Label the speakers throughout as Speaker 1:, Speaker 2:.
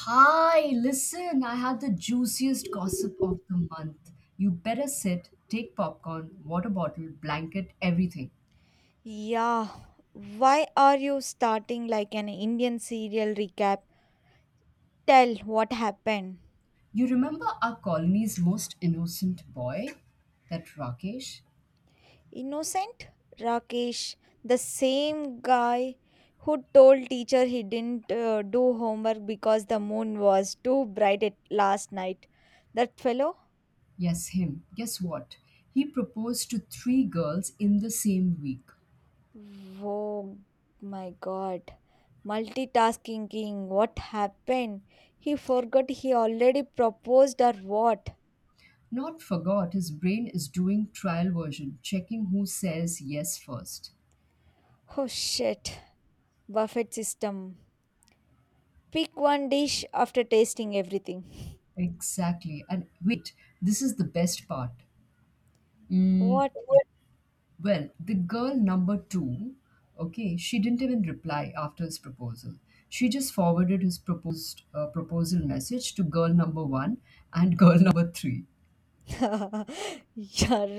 Speaker 1: Hi, listen, I had the juiciest gossip of the month. You better sit, take popcorn, water bottle, blanket, everything.
Speaker 2: Yeah, why are you starting like an Indian serial recap? Tell what happened.
Speaker 1: You remember our colony's most innocent boy? That Rakesh?
Speaker 2: Innocent? Rakesh, the same guy who told teacher he didn't do homework because the moon was too bright at last night. That fellow?
Speaker 1: Yes, him. Guess what? He proposed to three girls in the same week.
Speaker 2: Oh my god. Multitasking king, what happened? He forgot he already proposed or what?
Speaker 1: Not forgot, his brain is doing trial version, checking who says yes first.
Speaker 2: Oh shit. Buffet system. Pick one dish after tasting everything.
Speaker 1: Exactly. And wait, this is the best part. Mm.
Speaker 2: What?
Speaker 1: Well, the girl number two, okay, she didn't even reply after his proposal. She just forwarded his proposed proposal message to girl number one and girl number three.
Speaker 2: Yeah,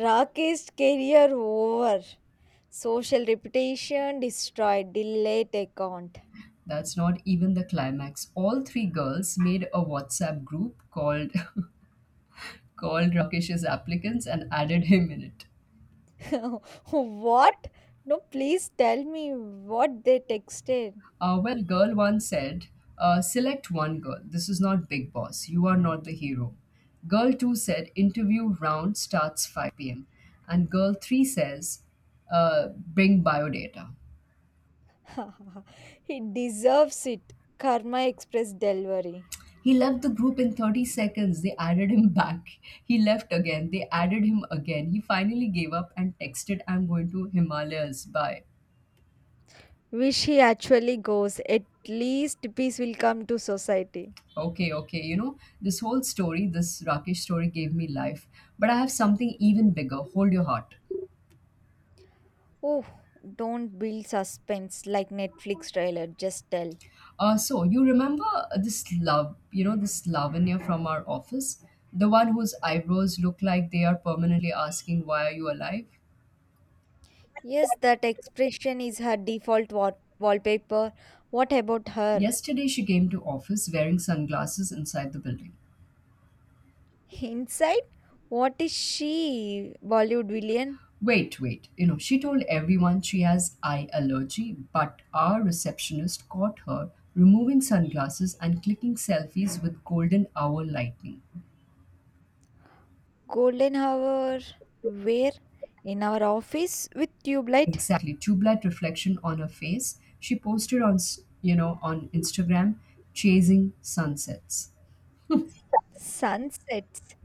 Speaker 2: Rakesh's career over. Social reputation destroyed. Delete account.
Speaker 1: That's not even the climax. All three girls made a WhatsApp group called called Rakesh's applicants and added him in it.
Speaker 2: What? No, please tell me what they texted.
Speaker 1: Girl one said, select one girl. This is not Big Boss. You are not the hero. Girl two said, interview round starts 5 p.m. And girl three says, bring biodata.
Speaker 2: He deserves it. Karma Express delivery.
Speaker 1: He left the group in 30 seconds. They added him back. He left again. They added him again. He finally gave up and texted, I'm going to Himalayas. Bye.
Speaker 2: Wish he actually goes. At least peace will come to society.
Speaker 1: Okay, okay. You know, this whole story, this Rakesh story gave me life. But I have something even bigger. Hold your heart.
Speaker 2: Oh, don't build suspense like Netflix trailer. Just tell.
Speaker 1: So you remember this love, you know, this Lavanya from our office, the one whose eyebrows look like they are permanently asking, "Why are you alive?"
Speaker 2: Yes, that expression is her default wallpaper. What about her?
Speaker 1: Yesterday she came to office wearing sunglasses inside the building.
Speaker 2: Inside? What is she? Bollywood villain?
Speaker 1: Wait, wait. You know, she told everyone she has eye allergy, but our receptionist caught her removing sunglasses and clicking selfies with golden hour lightning.
Speaker 2: Golden hour? Where? In our office with tube light?
Speaker 1: Exactly. Two blood reflection on her face. She posted on, on Instagram, chasing sunsets.
Speaker 2: Sunsets.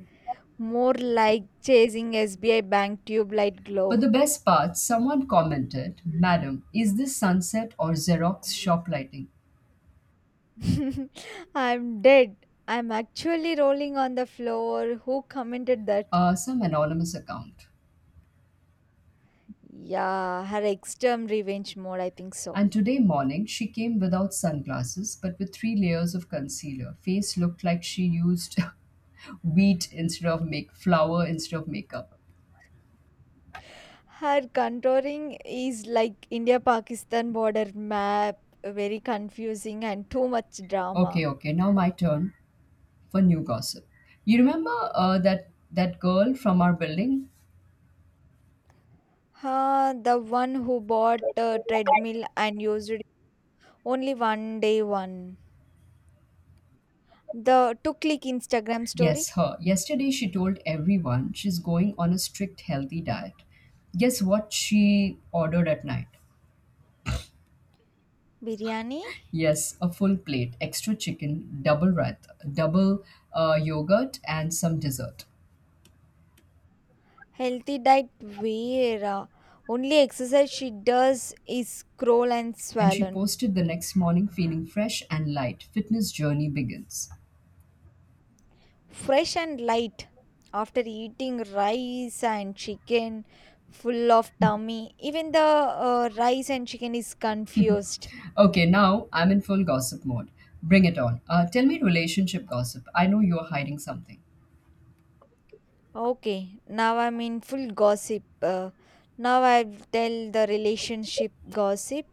Speaker 2: More like chasing SBI bank tube light glow.
Speaker 1: But the best part, someone commented, Madam, is this sunset or Xerox shop lighting?
Speaker 2: I'm dead. I'm actually rolling on the floor. Who commented that?
Speaker 1: Some anonymous account.
Speaker 2: Yeah, her extreme revenge mode, I think so.
Speaker 1: And today morning, she came without sunglasses but with three layers of concealer. Face looked like she used wheat instead of make flour instead of makeup.
Speaker 2: Her contouring is like India Pakistan border map, very confusing and too much
Speaker 1: Okay,
Speaker 2: drama.
Speaker 1: okay, now my turn. For new gossip. You remember that girl from our building?
Speaker 2: Huh, the one who bought a treadmill and used it only one day one. The to click Instagram story.
Speaker 1: Yes, her. Yesterday she told everyone she's going on a strict healthy diet. Guess what she ordered at night?
Speaker 2: Biryani?
Speaker 1: Yes, a full plate, extra chicken, double rath, double yogurt, and some dessert.
Speaker 2: Healthy diet Vera. Only exercise she does is scroll and
Speaker 1: And she
Speaker 2: swallow.
Speaker 1: posted the next morning feeling fresh and light. Fitness journey begins.
Speaker 2: Fresh and light after eating rice and chicken full of tummy, even the rice and chicken is confused.
Speaker 1: Okay, now I'm in full gossip mode. Bring it on. Tell me relationship gossip. I know you're hiding something.
Speaker 2: Okay, now I'm in full gossip, now I tell the relationship gossip.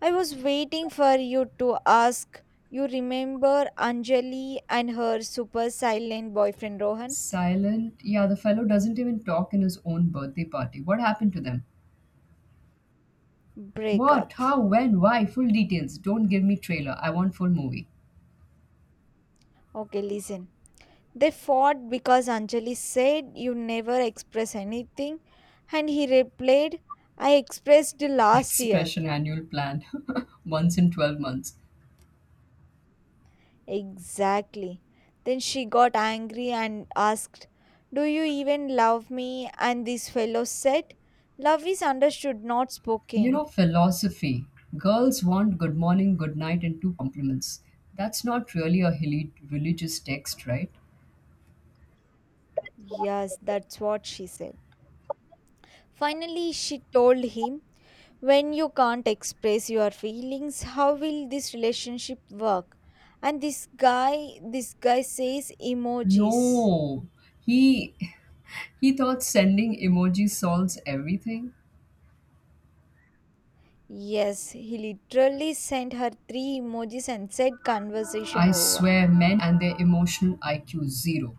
Speaker 2: I was waiting for you to ask. You remember Anjali and her super silent boyfriend Rohan?
Speaker 1: Silent? Yeah, the fellow doesn't even talk in his own birthday party. What happened to them? What?
Speaker 2: Breakup.
Speaker 1: How? When? Why? Full details. Don't give me trailer. I want full movie.
Speaker 2: Okay, listen. They fought because Anjali said, You never express anything, and he replied, I expressed last year.
Speaker 1: Expression annual plan. Once in 12 months.
Speaker 2: Exactly. Then she got angry and asked, Do you even love me? And this fellow said, Love is understood, not
Speaker 1: You know,
Speaker 2: spoken.
Speaker 1: philosophy. Girls want good morning, good night, and two compliments. That's not really a religious text, right?
Speaker 2: Yes, that's what she said. Finally, she told him, When you can't express your feelings, how will this relationship work? And this guy says emojis.
Speaker 1: No. He he thought sending emojis solves everything.
Speaker 2: Yes, he literally sent her three emojis and said conversation
Speaker 1: I
Speaker 2: over.
Speaker 1: swear men and their emotional IQ zero.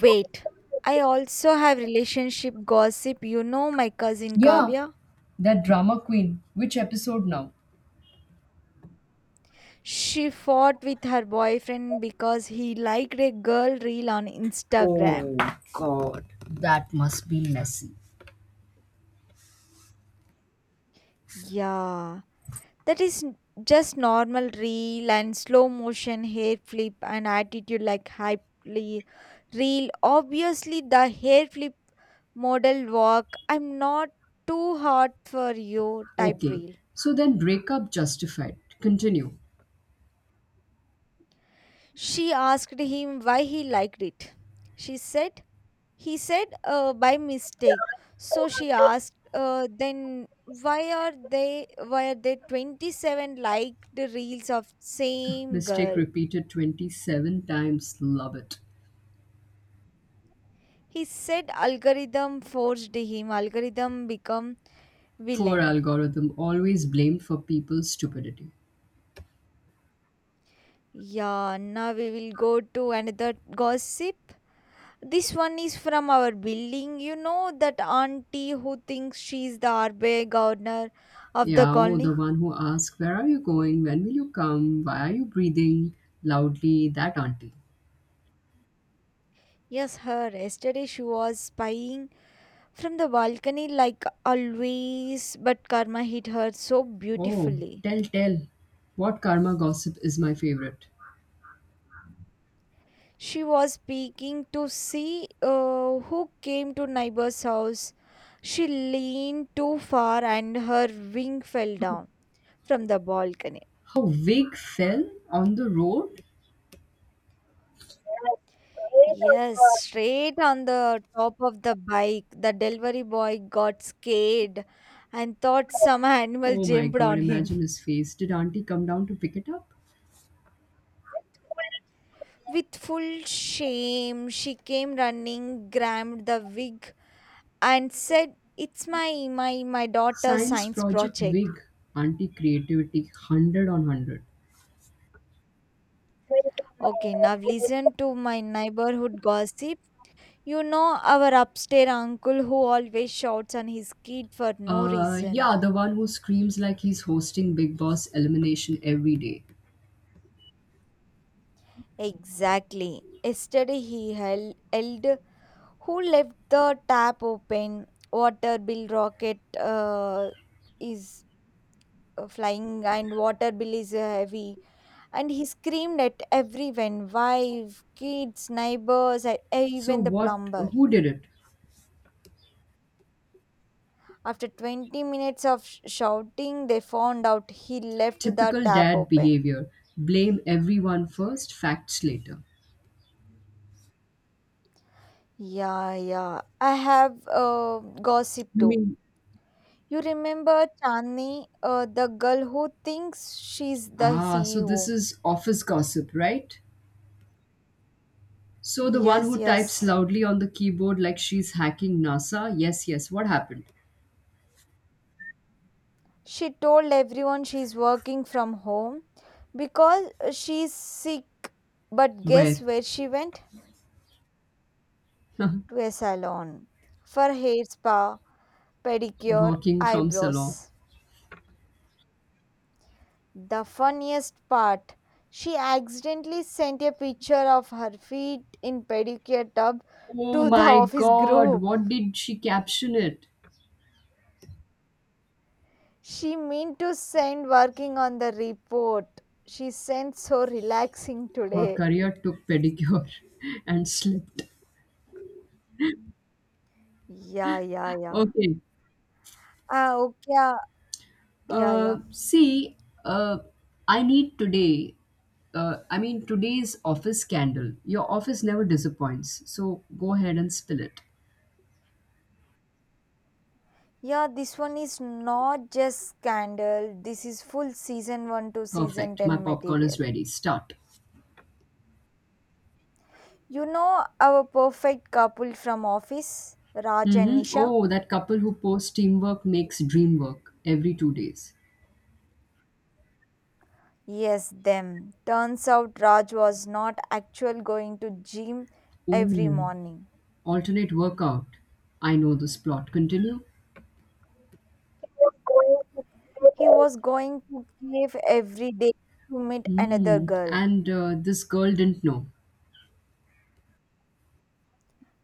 Speaker 2: Wait, I also have relationship gossip. You know my cousin
Speaker 1: Yeah,
Speaker 2: Kavya?
Speaker 1: that drama queen, which episode now?
Speaker 2: She fought with her boyfriend because he liked a girl reel on
Speaker 1: Oh
Speaker 2: Instagram.
Speaker 1: God, that must be messy.
Speaker 2: Yeah. That is just normal reel and slow motion hair flip and attitude like hype reel. Obviously, the hair flip model walk. I'm not too hot for you type
Speaker 1: Okay,
Speaker 2: reel.
Speaker 1: so then breakup justified. Continue.
Speaker 2: She asked him why he liked it. She said, he said, by mistake. So she asked, then why are they why are there 27 liked reels of same
Speaker 1: Mistake
Speaker 2: girl.
Speaker 1: repeated 27 times. Love it.
Speaker 2: He said algorithm forced him, algorithm become
Speaker 1: Poor
Speaker 2: villain.
Speaker 1: algorithm, always blamed for people's stupidity.
Speaker 2: Yeah, now we will go to another gossip. This one is from our building. You know that auntie who thinks she is the RBI governor of the
Speaker 1: Yeah, oh, the
Speaker 2: colony?
Speaker 1: one who asks, Where are you going? When will you come? Why are you breathing loudly? That auntie.
Speaker 2: Yes, her. Yesterday she was spying from the balcony like always, but karma hit her so
Speaker 1: Oh,
Speaker 2: beautifully.
Speaker 1: tell, tell. What karma gossip is my favorite?
Speaker 2: She was peeking to see who came to neighbor's house. She leaned too far and her wing fell down from the balcony.
Speaker 1: How Vig fell on the road.
Speaker 2: Yes, straight on the top of the bike, the delivery boy got scared and thought some animal
Speaker 1: Oh my
Speaker 2: jumped
Speaker 1: god,
Speaker 2: on
Speaker 1: imagine
Speaker 2: him.
Speaker 1: his face. Did Auntie come down to pick it up?
Speaker 2: With full shame, she came running, grabbed the wig, and said, It's my daughter's
Speaker 1: Science
Speaker 2: science
Speaker 1: project
Speaker 2: project.
Speaker 1: wig. Auntie creativity 100 on 100.
Speaker 2: Okay, now listen to my neighborhood gossip. You know our upstairs uncle who always shouts on his kid for no reason.
Speaker 1: Yeah, the one who screams like he's hosting Big Boss elimination every day.
Speaker 2: Exactly. Yesterday he held who left the tap open, water bill rocket is flying and water bill is heavy. And he screamed at everyone, wife, kids, neighbors, and
Speaker 1: So,
Speaker 2: even the
Speaker 1: what,
Speaker 2: plumber.
Speaker 1: who did it?
Speaker 2: After 20 minutes of shouting, they found out he left the
Speaker 1: Typical
Speaker 2: tap
Speaker 1: dad
Speaker 2: open.
Speaker 1: behavior. Blame everyone first, facts later.
Speaker 2: Yeah, yeah. I have gossip
Speaker 1: You
Speaker 2: too.
Speaker 1: mean?
Speaker 2: You remember Chandni, the girl who thinks she's the
Speaker 1: Ah, so this
Speaker 2: CEO?
Speaker 1: is office gossip, right? So, the one
Speaker 2: Yes,
Speaker 1: who types
Speaker 2: yes.
Speaker 1: loudly on the keyboard like she's hacking NASA? Yes, yes, what happened?
Speaker 2: She told everyone she's working from home because she's sick. But guess
Speaker 1: Where?
Speaker 2: where she went? To a salon for hair spa, pedicure,
Speaker 1: Working from Salon.
Speaker 2: eyebrows. The funniest part, she accidentally sent a picture of her feet in pedicure tub
Speaker 1: Oh
Speaker 2: to the
Speaker 1: my
Speaker 2: office
Speaker 1: god,
Speaker 2: group.
Speaker 1: what did she caption it?
Speaker 2: She meant to send working on the report. She sent so relaxing
Speaker 1: Her
Speaker 2: today.
Speaker 1: career took pedicure and slipped.
Speaker 2: Yeah, yeah, yeah.
Speaker 1: Okay.
Speaker 2: Ah, okay. Yeah,
Speaker 1: Uh,
Speaker 2: yeah.
Speaker 1: see, uh, I need today. I mean, today's office scandal. Your office never disappoints. So go ahead and spill it.
Speaker 2: Yeah, this one is not just scandal. This is full season 1 to season
Speaker 1: Perfect. My
Speaker 2: 10
Speaker 1: popcorn is
Speaker 2: material.
Speaker 1: ready. Start.
Speaker 2: You know our perfect couple from office, Raj and
Speaker 1: Mm-hmm.
Speaker 2: Nisha?
Speaker 1: Oh, that couple who posts teamwork makes dream work every 2 days.
Speaker 2: Yes, them. Turns out Raj was not actually going to gym every
Speaker 1: Ooh.
Speaker 2: morning.
Speaker 1: Alternate workout. I know this plot. Continue.
Speaker 2: He was going to cave every day to meet another
Speaker 1: Hmm.
Speaker 2: girl.
Speaker 1: And this girl didn't know.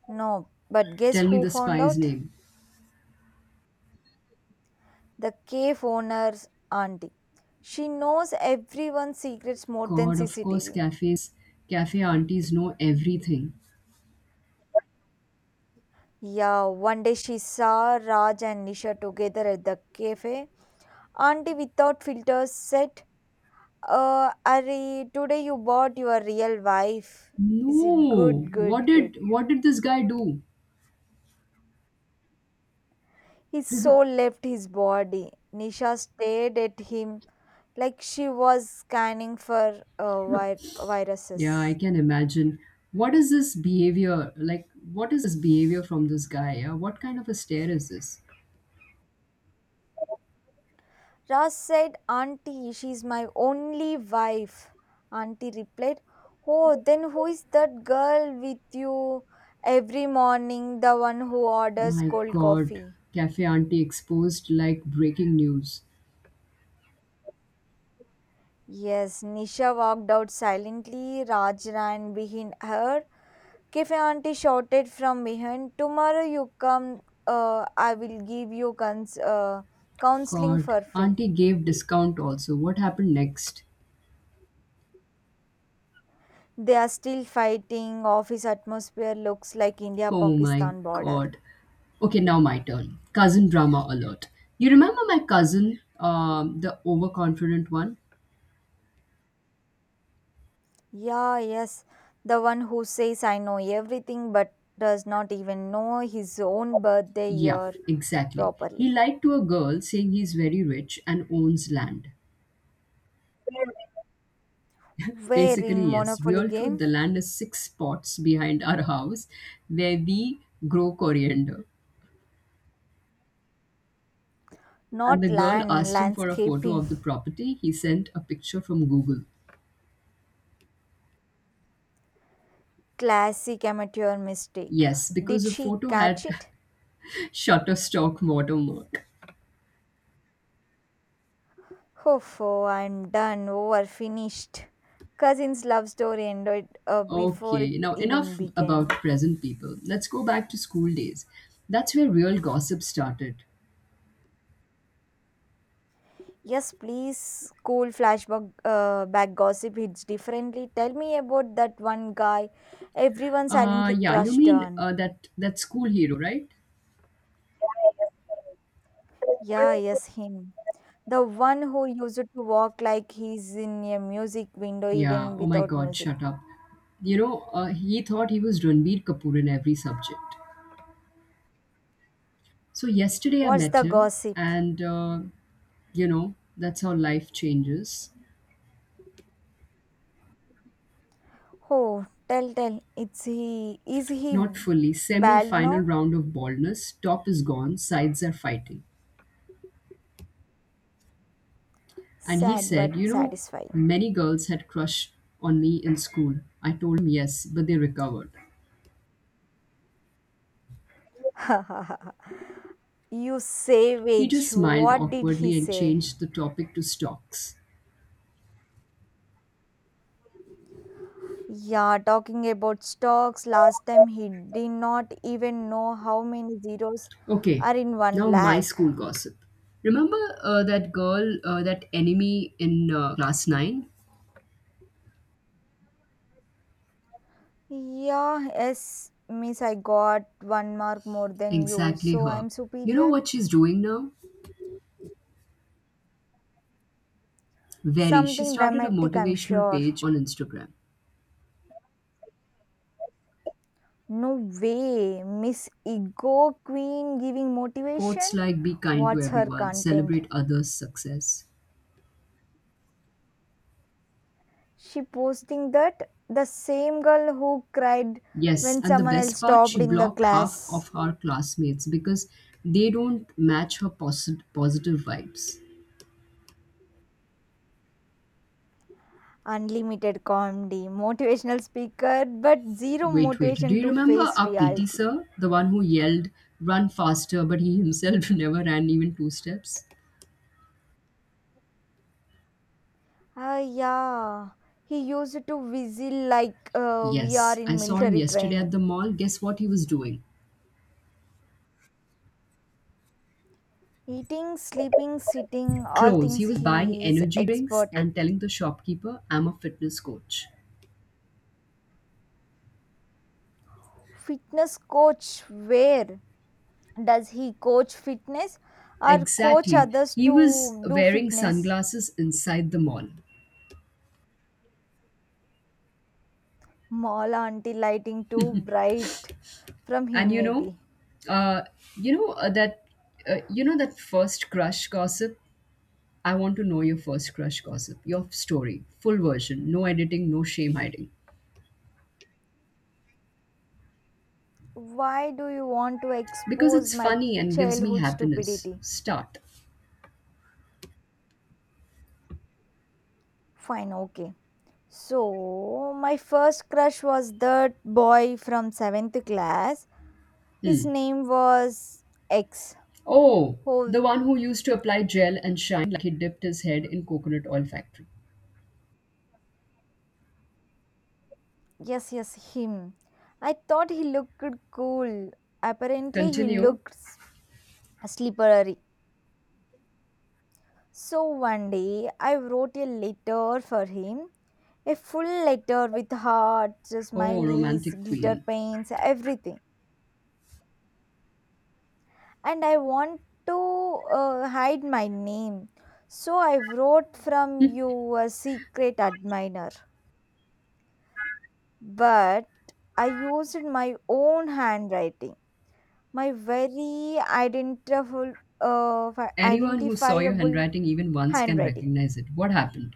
Speaker 2: No, but guess
Speaker 1: Tell me
Speaker 2: who
Speaker 1: the
Speaker 2: found
Speaker 1: spy's
Speaker 2: out?
Speaker 1: name.
Speaker 2: The cave owner's auntie. She knows everyone's secrets more than
Speaker 1: God, of course,
Speaker 2: CCTV.
Speaker 1: cafes, cafe aunties know everything.
Speaker 2: Yeah, one day she saw Raj and Nisha together at the cafe. Auntie without filters said, Ari, today you bought your real wife. Is it
Speaker 1: No.
Speaker 2: good,
Speaker 1: What
Speaker 2: good, good?
Speaker 1: did what did this guy do?
Speaker 2: His soul left his body. Nisha stared at him like she was scanning for
Speaker 1: Yeah, I
Speaker 2: viruses.
Speaker 1: can imagine. What is this behavior? Like, what is this behavior from this guy? Yeah? What kind of a stare is this?
Speaker 2: Ras said, Auntie, she's my only wife. Auntie replied, Oh, then who is that girl with you every morning, the one who orders
Speaker 1: My
Speaker 2: cold
Speaker 1: God,
Speaker 2: coffee?
Speaker 1: cafe auntie exposed like breaking news.
Speaker 2: Yes, Nisha walked out silently. Raj ran behind her. Cafe auntie shouted from behind, Tomorrow you come, I will give you counseling
Speaker 1: God,
Speaker 2: for free.
Speaker 1: auntie gave discount also. What happened next?
Speaker 2: They are still fighting. Office atmosphere looks like India
Speaker 1: Oh my
Speaker 2: Pakistan border.
Speaker 1: god. Okay, now my turn. Cousin drama alert. You remember my cousin, the overconfident one?
Speaker 2: Yeah, yes. The one who says, I know everything but does not even know his own birthday
Speaker 1: Yeah,
Speaker 2: year
Speaker 1: exactly. He
Speaker 2: properly.
Speaker 1: lied to a girl saying he's very rich and owns land.
Speaker 2: Where
Speaker 1: Basically,
Speaker 2: in
Speaker 1: yes.
Speaker 2: Monopoly
Speaker 1: Real truth,
Speaker 2: game?
Speaker 1: the land is six spots behind our house where we grow coriander. And the
Speaker 2: Not
Speaker 1: girl
Speaker 2: land,
Speaker 1: asked him for a photo
Speaker 2: landscaping.
Speaker 1: of the property. He sent a picture from Google.
Speaker 2: Classic amateur mistake.
Speaker 1: Yes, because
Speaker 2: Did
Speaker 1: the
Speaker 2: she
Speaker 1: photo had
Speaker 2: catch it?
Speaker 1: Shutterstock watermark.
Speaker 2: Oh, I'm done, over, finished. Cousin's love story ended before it
Speaker 1: Okay, now
Speaker 2: even
Speaker 1: enough about
Speaker 2: began.
Speaker 1: present people. Let's go back to school days. That's where real gossip started.
Speaker 2: Yes, please. School flashback back gossip hits differently. Tell me about that one guy everyone
Speaker 1: Uh,
Speaker 2: silently
Speaker 1: yeah, you
Speaker 2: crushed
Speaker 1: mean
Speaker 2: on.
Speaker 1: uh, that that school hero, right?
Speaker 2: Yeah, yes, him. The one who used to walk like he's in a music window
Speaker 1: Yeah.
Speaker 2: even
Speaker 1: Oh my
Speaker 2: without
Speaker 1: God,
Speaker 2: music.
Speaker 1: shut up. He thought he was Ranbir Kapoor in every subject. So yesterday I
Speaker 2: What's
Speaker 1: met
Speaker 2: the
Speaker 1: him,
Speaker 2: gossip?
Speaker 1: and you know that's how life changes.
Speaker 2: Oh, tell, tell. It's he. Is he
Speaker 1: Not fully. Semi
Speaker 2: bald now?
Speaker 1: final round of baldness. Top is gone. Sides are fighting. And he
Speaker 2: Sad
Speaker 1: said,
Speaker 2: but
Speaker 1: You know,
Speaker 2: satisfying.
Speaker 1: many girls had crushed on me in school. I told him yes, but they recovered.
Speaker 2: You
Speaker 1: He
Speaker 2: savage.
Speaker 1: just smiled
Speaker 2: What did he
Speaker 1: awkwardly and
Speaker 2: say?
Speaker 1: changed the topic to stocks.
Speaker 2: Yeah, talking about stocks. Last time he did not even know how many zeros
Speaker 1: Okay,
Speaker 2: are in one
Speaker 1: now my
Speaker 2: lakh.
Speaker 1: school gossip. Remember that girl, that enemy in class 9?
Speaker 2: Yeah, yes, miss. I got one mark more than you,
Speaker 1: Exactly
Speaker 2: so
Speaker 1: her.
Speaker 2: I'm
Speaker 1: You know
Speaker 2: superior.
Speaker 1: what she's doing now? Very. She
Speaker 2: Something
Speaker 1: started a
Speaker 2: dramatic, I'm
Speaker 1: motivational
Speaker 2: sure.
Speaker 1: page on Instagram.
Speaker 2: No way, Miss Ego Queen giving
Speaker 1: Quotes
Speaker 2: motivation?
Speaker 1: like be kind to
Speaker 2: What's her
Speaker 1: everyone,
Speaker 2: content?
Speaker 1: celebrate others' success.
Speaker 2: She posting that the same girl who cried
Speaker 1: Yes,
Speaker 2: when
Speaker 1: and the
Speaker 2: someone
Speaker 1: best
Speaker 2: else
Speaker 1: part,
Speaker 2: stopped
Speaker 1: she
Speaker 2: in the
Speaker 1: blocked half of
Speaker 2: class.
Speaker 1: her classmates because they don't match her positive vibes.
Speaker 2: Unlimited comedy, motivational speaker, but zero
Speaker 1: Wait, wait, do
Speaker 2: motivation
Speaker 1: you
Speaker 2: to
Speaker 1: remember
Speaker 2: face
Speaker 1: our PT
Speaker 2: reality.
Speaker 1: sir? The one who yelled, run faster, but he himself never ran even two steps?
Speaker 2: Ah, yeah, he used to whistle like we
Speaker 1: Yes,
Speaker 2: are
Speaker 1: I
Speaker 2: in
Speaker 1: saw him
Speaker 2: military
Speaker 1: yesterday at
Speaker 2: training.
Speaker 1: the mall. Guess what he was doing?
Speaker 2: Eating, sleeping, sitting, all
Speaker 1: Clothes. He
Speaker 2: things
Speaker 1: was buying
Speaker 2: he is
Speaker 1: energy drinks
Speaker 2: expert at.
Speaker 1: and telling the shopkeeper, I'm a fitness coach.
Speaker 2: Fitness coach, where does he coach fitness or coach
Speaker 1: Exactly.
Speaker 2: others
Speaker 1: He was
Speaker 2: to do
Speaker 1: wearing
Speaker 2: fitness?
Speaker 1: sunglasses inside the mall.
Speaker 2: Mall auntie lighting too bright from
Speaker 1: And
Speaker 2: him, maybe.
Speaker 1: uh, you know that You know that first crush gossip. I want to know your first crush gossip, your story, full version, no editing, no shame hiding,
Speaker 2: Why do you want to
Speaker 1: because
Speaker 2: expose
Speaker 1: it's
Speaker 2: my
Speaker 1: funny and gives me
Speaker 2: childhood
Speaker 1: happiness.
Speaker 2: stupidity?
Speaker 1: Start.
Speaker 2: Fine, okay. So, my first crush was that boy from 7th class. His
Speaker 1: Hmm.
Speaker 2: name was X.
Speaker 1: Oh,
Speaker 2: Who
Speaker 1: the one who used to apply gel and shine like he dipped his head in coconut oil factory.
Speaker 2: Yes, yes, him. I thought he looked cool. Apparently, he
Speaker 1: Continue.
Speaker 2: looked slippery. So one day, I wrote a letter for him. A full letter with hearts,
Speaker 1: Oh,
Speaker 2: smileys,
Speaker 1: romantic
Speaker 2: glitter
Speaker 1: queen.
Speaker 2: paints, everything. And I want to hide my name. So I wrote from you a secret admirer. But I used my own handwriting. My very identifiable, uh, fi-
Speaker 1: Anyone who saw your
Speaker 2: identifiable
Speaker 1: handwriting even once can
Speaker 2: handwriting.
Speaker 1: recognize it. What happened?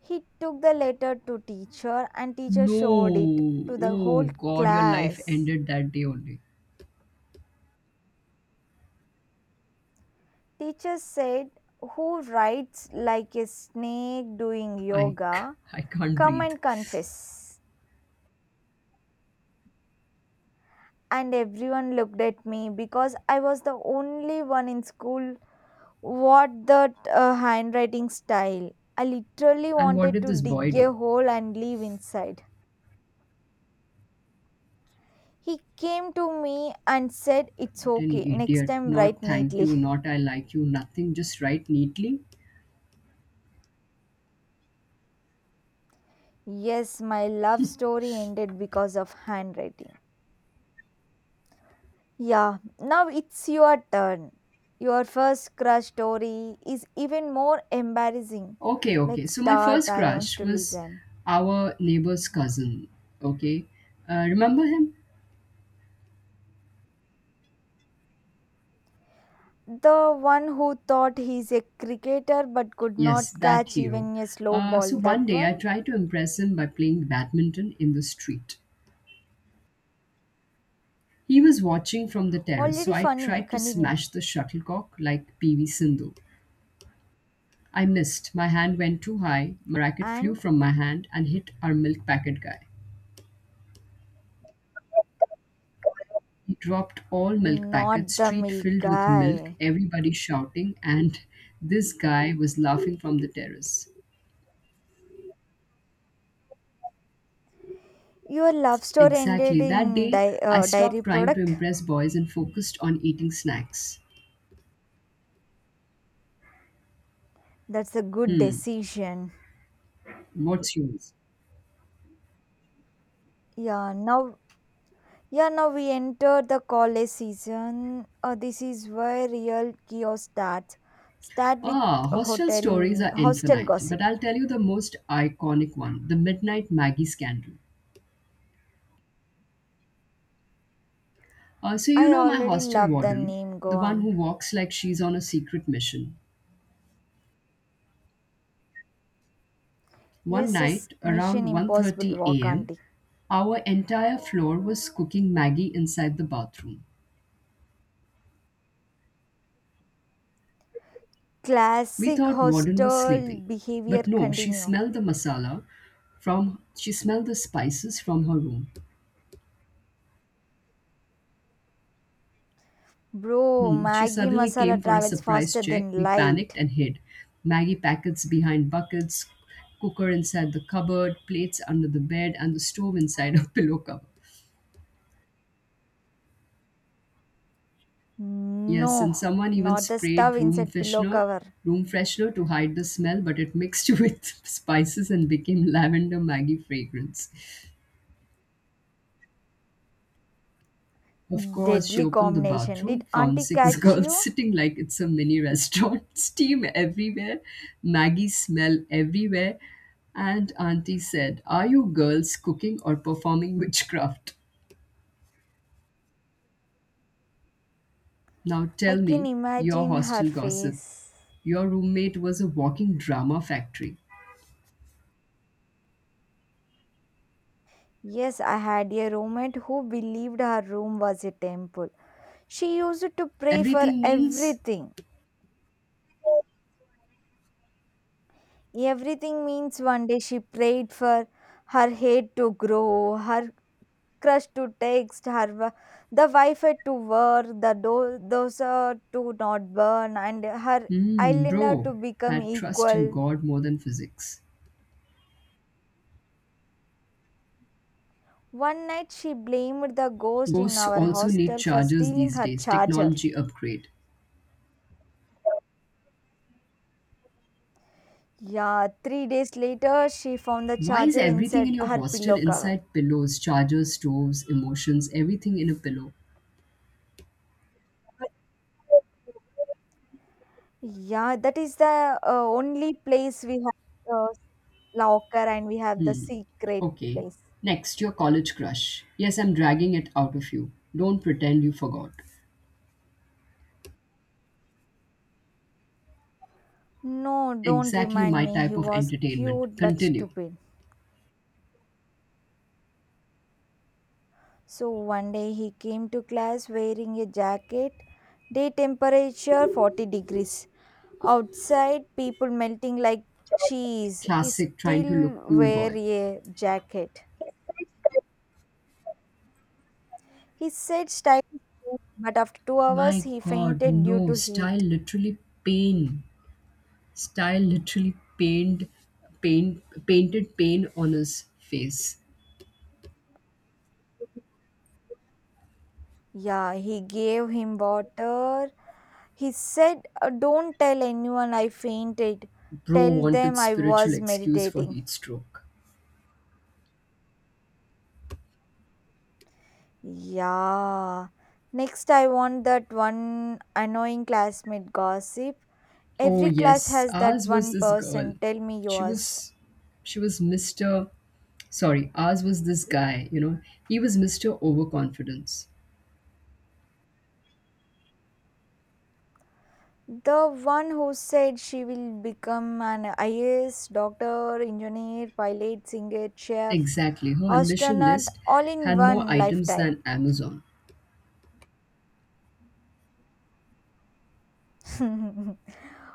Speaker 2: He took the letter to teacher and teacher showed it
Speaker 1: No.
Speaker 2: to the
Speaker 1: Oh
Speaker 2: whole
Speaker 1: God, your life
Speaker 2: class.
Speaker 1: ended that day only.
Speaker 2: Teacher said, Who writes like a snake doing
Speaker 1: I, c-
Speaker 2: yoga?
Speaker 1: I can't
Speaker 2: Come
Speaker 1: breathe.
Speaker 2: and confess. And everyone looked at me because I was the only one in school what that handwriting style. I literally
Speaker 1: And what
Speaker 2: wanted
Speaker 1: did
Speaker 2: to
Speaker 1: this boy
Speaker 2: dig
Speaker 1: do?
Speaker 2: a hole and live inside. He came to me and said, It's
Speaker 1: What an
Speaker 2: okay, next
Speaker 1: idiot.
Speaker 2: time
Speaker 1: Not
Speaker 2: write
Speaker 1: thank
Speaker 2: neatly.
Speaker 1: you, not I like you, nothing. Just write neatly.
Speaker 2: Yes, my love story ended because of handwriting. Yeah, now it's your turn. Your first crush story is even more embarrassing.
Speaker 1: Okay, okay.
Speaker 2: Let's
Speaker 1: So my
Speaker 2: start,
Speaker 1: first
Speaker 2: I want
Speaker 1: crush
Speaker 2: to
Speaker 1: was
Speaker 2: listen.
Speaker 1: our neighbor's cousin. Okay. Remember him?
Speaker 2: The one who thought he's a cricketer but could
Speaker 1: Yes,
Speaker 2: not
Speaker 1: that
Speaker 2: catch
Speaker 1: hero.
Speaker 2: even a slow ball,
Speaker 1: So one
Speaker 2: that
Speaker 1: day I
Speaker 2: one?
Speaker 1: tried to impress him by playing badminton in the street. He was watching from the terrace, so
Speaker 2: Already
Speaker 1: I
Speaker 2: funny,
Speaker 1: tried to
Speaker 2: continue.
Speaker 1: smash the shuttlecock like PV Sindhu. I missed. My hand went too high. My racket flew
Speaker 2: And
Speaker 1: from my hand and hit our milk packet guy. He dropped all milk packets,
Speaker 2: not the
Speaker 1: street
Speaker 2: milk
Speaker 1: filled with milk,
Speaker 2: guy.
Speaker 1: everybody shouting, and this guy was laughing from the terrace.
Speaker 2: Your love story ended
Speaker 1: Exactly. That
Speaker 2: in
Speaker 1: day, I stopped
Speaker 2: dairy
Speaker 1: trying to
Speaker 2: product.
Speaker 1: impress boys and focused on eating snacks.
Speaker 2: That's a good
Speaker 1: Hmm,
Speaker 2: decision.
Speaker 1: what's yours?
Speaker 2: Yeah, now yeah, now we enter the college season. This is where real chaos starts. Start with
Speaker 1: Ah, hostel stories
Speaker 2: hotel
Speaker 1: are
Speaker 2: hostel
Speaker 1: infinite,
Speaker 2: gossip.
Speaker 1: but I'll tell you the most iconic one the Midnight Maggie scandal. You
Speaker 2: I
Speaker 1: know my
Speaker 2: already
Speaker 1: hostel
Speaker 2: love the
Speaker 1: warden,
Speaker 2: name. Go
Speaker 1: the one who
Speaker 2: on.
Speaker 1: walks like she's on a secret mission. One
Speaker 2: Yes, yes.
Speaker 1: night,
Speaker 2: Mission
Speaker 1: around
Speaker 2: Impossible
Speaker 1: 1:30
Speaker 2: walk,
Speaker 1: a.m.,
Speaker 2: auntie.
Speaker 1: our entire floor was cooking Maggie inside the bathroom. We
Speaker 2: Classic
Speaker 1: thought warden was
Speaker 2: hostel
Speaker 1: sleeping,
Speaker 2: behavior
Speaker 1: but no,
Speaker 2: continue.
Speaker 1: she smelled the spices from her room.
Speaker 2: Bro,
Speaker 1: Hmm. She
Speaker 2: Maggie
Speaker 1: suddenly came
Speaker 2: masala
Speaker 1: for a
Speaker 2: travels
Speaker 1: surprise
Speaker 2: faster
Speaker 1: check.
Speaker 2: than
Speaker 1: We panicked
Speaker 2: light.
Speaker 1: and hid. Maggie packets behind buckets, cooker inside the cupboard, plates under the bed, and the stove inside a pillow cover. Yes,
Speaker 2: No,
Speaker 1: and someone even
Speaker 2: not the stuff inside pillow cover.
Speaker 1: room freshener to hide the smell, but it mixed with spices and became lavender Maggie fragrance. Of course, she
Speaker 2: Deadly
Speaker 1: opened the
Speaker 2: combination.
Speaker 1: bathroom,
Speaker 2: Did
Speaker 1: found
Speaker 2: auntie
Speaker 1: six
Speaker 2: catch
Speaker 1: girls
Speaker 2: you?
Speaker 1: sitting like it's a mini restaurant, steam everywhere, Maggie smell everywhere. And Auntie said, Are you girls cooking or performing witchcraft? Now
Speaker 2: I
Speaker 1: tell
Speaker 2: can
Speaker 1: me your
Speaker 2: imagine her
Speaker 1: hostel gossip.
Speaker 2: face.
Speaker 1: Your roommate was a walking drama factory.
Speaker 2: Yes, I had a roommate who believed her room was a temple. She used to pray for
Speaker 1: Everything means,
Speaker 2: everything. Everything means one day she prayed for her head to grow, her crush to text, the Wi-Fi to work, the dosa to not burn, and her
Speaker 1: hmm,
Speaker 2: eyeliner
Speaker 1: bro,
Speaker 2: to become
Speaker 1: had trust in
Speaker 2: equal.
Speaker 1: God more than physics.
Speaker 2: One night she blamed the ghost in
Speaker 1: Ghosts
Speaker 2: our
Speaker 1: also need
Speaker 2: hostel for
Speaker 1: chargers
Speaker 2: stealing
Speaker 1: these
Speaker 2: her
Speaker 1: days,
Speaker 2: charger.
Speaker 1: technology upgrade.
Speaker 2: Yeah, 3 days later she found the
Speaker 1: Why is
Speaker 2: charger
Speaker 1: everything in
Speaker 2: inside
Speaker 1: your
Speaker 2: her
Speaker 1: hostel
Speaker 2: pillow cover.
Speaker 1: inside pillows, chargers, stoves, emotions, everything in a pillow?
Speaker 2: Yeah, that is the only place we have locker and we have the secret
Speaker 1: Okay.
Speaker 2: place.
Speaker 1: Next, your college crush. Yes, I'm dragging it out of you. Don't pretend you forgot.
Speaker 2: No, don't
Speaker 1: Exactly
Speaker 2: remind
Speaker 1: my
Speaker 2: me.
Speaker 1: type
Speaker 2: He
Speaker 1: of
Speaker 2: was
Speaker 1: entertainment.
Speaker 2: cute but
Speaker 1: Continue.
Speaker 2: stupid. So one day he came to class wearing a jacket. Day temperature 40 degrees. Outside, people melting like cheese. He
Speaker 1: Classic trying to look
Speaker 2: still
Speaker 1: cool
Speaker 2: wear
Speaker 1: boy.
Speaker 2: a jacket. He said stylish, things, but after 2 hours,
Speaker 1: My
Speaker 2: he
Speaker 1: god,
Speaker 2: fainted due
Speaker 1: no.
Speaker 2: to
Speaker 1: Style
Speaker 2: heat.
Speaker 1: literally pain. Style literally pained pain painted pain on his face.
Speaker 2: Yeah, he gave him water. He said, Don't tell anyone I fainted.
Speaker 1: Bro
Speaker 2: Tell
Speaker 1: wanted
Speaker 2: them I
Speaker 1: spiritual
Speaker 2: was
Speaker 1: excuse for
Speaker 2: meditating.
Speaker 1: heat stroke.
Speaker 2: Yeah. Next, I want that one annoying classmate gossip.
Speaker 1: Oh
Speaker 2: Every class
Speaker 1: yes,
Speaker 2: has that
Speaker 1: ours was
Speaker 2: one
Speaker 1: this girl.
Speaker 2: person. Tell me
Speaker 1: She
Speaker 2: yours.
Speaker 1: was she was Mr. Sorry, ours was this guy, you know. He was Mr. Overconfidence.
Speaker 2: The one who said she will become an IAS, doctor, engineer, pilot, singer, chef,
Speaker 1: Exactly. Her ambition
Speaker 2: astronaut,
Speaker 1: list
Speaker 2: all in
Speaker 1: had more
Speaker 2: one
Speaker 1: items
Speaker 2: lifetime.
Speaker 1: than Amazon.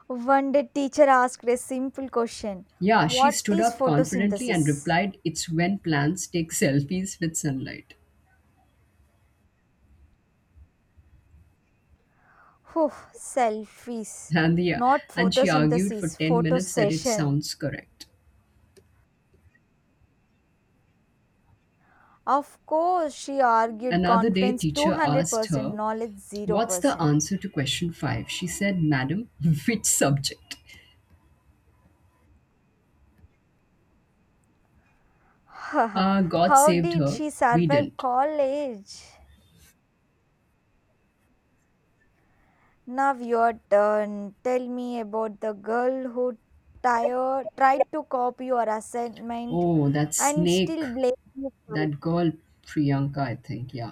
Speaker 2: One day, teacher asked a simple question.
Speaker 1: Yeah, she
Speaker 2: What
Speaker 1: stood
Speaker 2: is
Speaker 1: up confidently and
Speaker 2: photosynthesis?
Speaker 1: replied, "It's when plants take selfies with sunlight."
Speaker 2: Whew, selfies,
Speaker 1: And the,
Speaker 2: not
Speaker 1: and she argued for
Speaker 2: photosynthesis,
Speaker 1: 10
Speaker 2: photo
Speaker 1: minutes that it
Speaker 2: session.
Speaker 1: sounds correct.
Speaker 2: Of course, she argued
Speaker 1: Another day,
Speaker 2: confidence
Speaker 1: teacher asked
Speaker 2: 200%,
Speaker 1: her,
Speaker 2: knowledge
Speaker 1: "What's the
Speaker 2: 0%.
Speaker 1: answer to question five?" She said, "Madam, which subject?" God
Speaker 2: How
Speaker 1: saved
Speaker 2: did
Speaker 1: her.
Speaker 2: she
Speaker 1: We
Speaker 2: survive
Speaker 1: didn't.
Speaker 2: college? Now your turn. Tell me about the girl who tried to copy your assignment
Speaker 1: Oh, that
Speaker 2: and
Speaker 1: snake.
Speaker 2: still blamed you for
Speaker 1: That girl, Priyanka, I think. Yeah.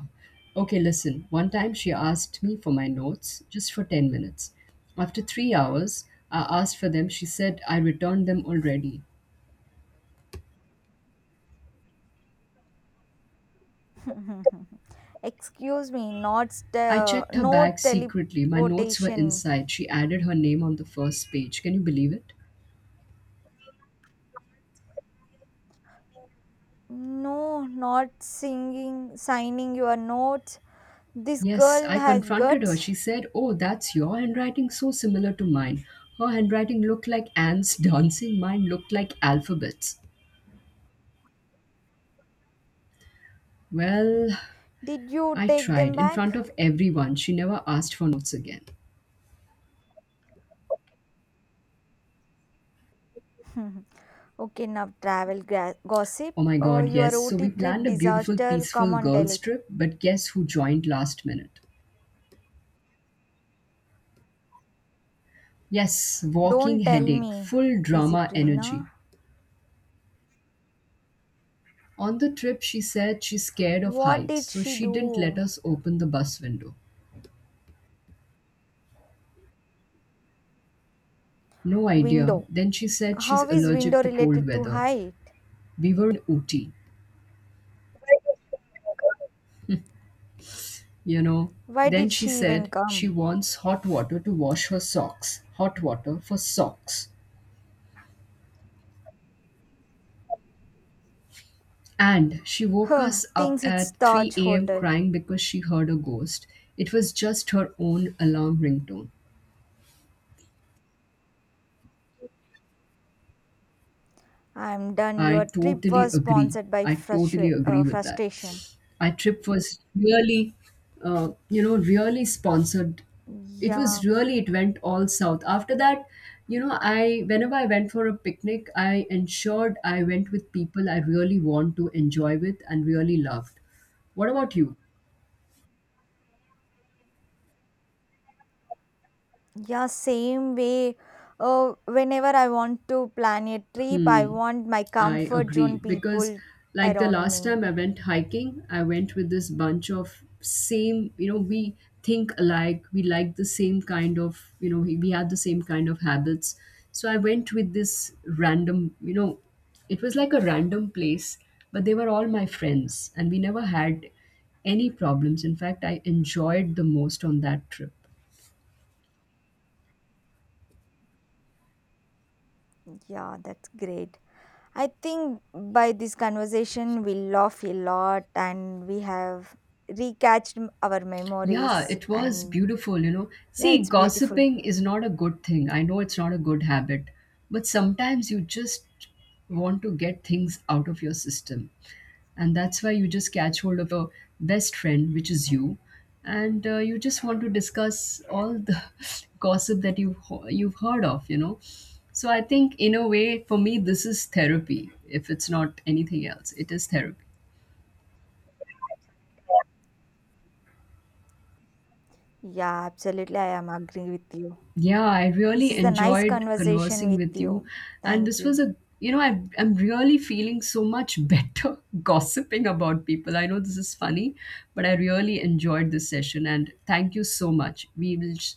Speaker 1: Okay, listen. One time she asked me for my notes just for 10 minutes. After 3 hours, I asked for them. She said I returned them already.
Speaker 2: it. Excuse me, not
Speaker 1: I checked her
Speaker 2: no
Speaker 1: bag secretly. My notes were
Speaker 2: teleportation.
Speaker 1: inside. She added her name on the first page. Can you believe it?
Speaker 2: No, not signing your notes. This
Speaker 1: Yes, I
Speaker 2: girl has
Speaker 1: confronted her.
Speaker 2: guts.
Speaker 1: She said, "Oh, that's your handwriting, so similar to mine." Her handwriting looked like ants dancing, mine looked like alphabets. Well,
Speaker 2: Did you
Speaker 1: I
Speaker 2: take them
Speaker 1: tried in
Speaker 2: back?
Speaker 1: front of everyone. She never asked for notes again.
Speaker 2: Okay, now travel gossip.
Speaker 1: Oh my god,
Speaker 2: Your
Speaker 1: yes. So
Speaker 2: OT
Speaker 1: we
Speaker 2: trip
Speaker 1: planned a beautiful,
Speaker 2: disaster. Come
Speaker 1: peaceful
Speaker 2: on, tell
Speaker 1: girls'
Speaker 2: it.
Speaker 1: trip, but guess who joined last minute? Yes, walking
Speaker 2: Don't tell
Speaker 1: headache,
Speaker 2: me.
Speaker 1: full
Speaker 2: Is
Speaker 1: drama
Speaker 2: it
Speaker 1: energy.
Speaker 2: Rina?
Speaker 1: On the trip, she said she's scared of
Speaker 2: What
Speaker 1: heights,
Speaker 2: did
Speaker 1: so
Speaker 2: she
Speaker 1: she didn't let
Speaker 2: do?
Speaker 1: us open the bus window. No idea.
Speaker 2: Window.
Speaker 1: Then she said she's
Speaker 2: How is
Speaker 1: allergic
Speaker 2: window
Speaker 1: to cold
Speaker 2: related to
Speaker 1: weather.
Speaker 2: height?
Speaker 1: We were in Ooty, you know.
Speaker 2: Why
Speaker 1: Then
Speaker 2: did
Speaker 1: she
Speaker 2: she even
Speaker 1: said she
Speaker 2: come?
Speaker 1: wants hot water to wash her socks. Hot water for socks. And she woke
Speaker 2: Huh,
Speaker 1: us up
Speaker 2: thinks it's
Speaker 1: at
Speaker 2: Taj
Speaker 1: 3 a.m.
Speaker 2: Hotel.
Speaker 1: crying because she heard a ghost. It was just her own alarm ringtone.
Speaker 2: I'm done. Your
Speaker 1: I
Speaker 2: trip
Speaker 1: totally
Speaker 2: was
Speaker 1: agree.
Speaker 2: sponsored by
Speaker 1: I totally agree with that.
Speaker 2: frustration.
Speaker 1: Our trip was really really sponsored, it
Speaker 2: Yeah,
Speaker 1: was really it went all south after that. You know I Whenever I went for a picnic, I ensured I went with people I really want to enjoy with and really loved. What about you?
Speaker 2: yeah, same way. Whenever I want to plan a trip, I want my
Speaker 1: I
Speaker 2: comfort zone
Speaker 1: agree, because
Speaker 2: people
Speaker 1: like the
Speaker 2: around
Speaker 1: last
Speaker 2: me.
Speaker 1: time I went hiking, I went with this bunch of same, you know, we think alike, we like the same kind of, you know, we have the same kind of habits. So I went with this random, you know, it was like a random place, but they were all my friends and we never had any problems. In fact, I enjoyed the most on that trip.
Speaker 2: Yeah, that's great. I think by this conversation, we laugh a lot and we have recatched our
Speaker 1: Yeah,
Speaker 2: memories.
Speaker 1: it was
Speaker 2: And
Speaker 1: beautiful, you know.
Speaker 2: yeah,
Speaker 1: See,
Speaker 2: it's beautiful.
Speaker 1: gossiping is not a good thing. I know it's not a good habit, but sometimes you just want to get things out of your system. And that's why you just catch hold of a best friend, which is you, and you just want to discuss all the gossip that you've heard of. So I think, in a way, for me this is therapy if it's not anything else. It is therapy.
Speaker 2: Yeah, absolutely. I am agree with you.
Speaker 1: Yeah, I
Speaker 2: This
Speaker 1: really
Speaker 2: is a nice
Speaker 1: enjoyed
Speaker 2: conversation
Speaker 1: conversing
Speaker 2: with
Speaker 1: with you.
Speaker 2: you.
Speaker 1: And
Speaker 2: Thank
Speaker 1: this was
Speaker 2: you.
Speaker 1: a, I'm really feeling so much better gossiping about people. I know this is funny, but I really enjoyed this session. And thank you so much.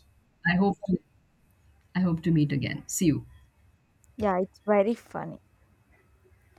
Speaker 1: I hope, to, I hope to meet again. See you.
Speaker 2: Yeah, it's very funny.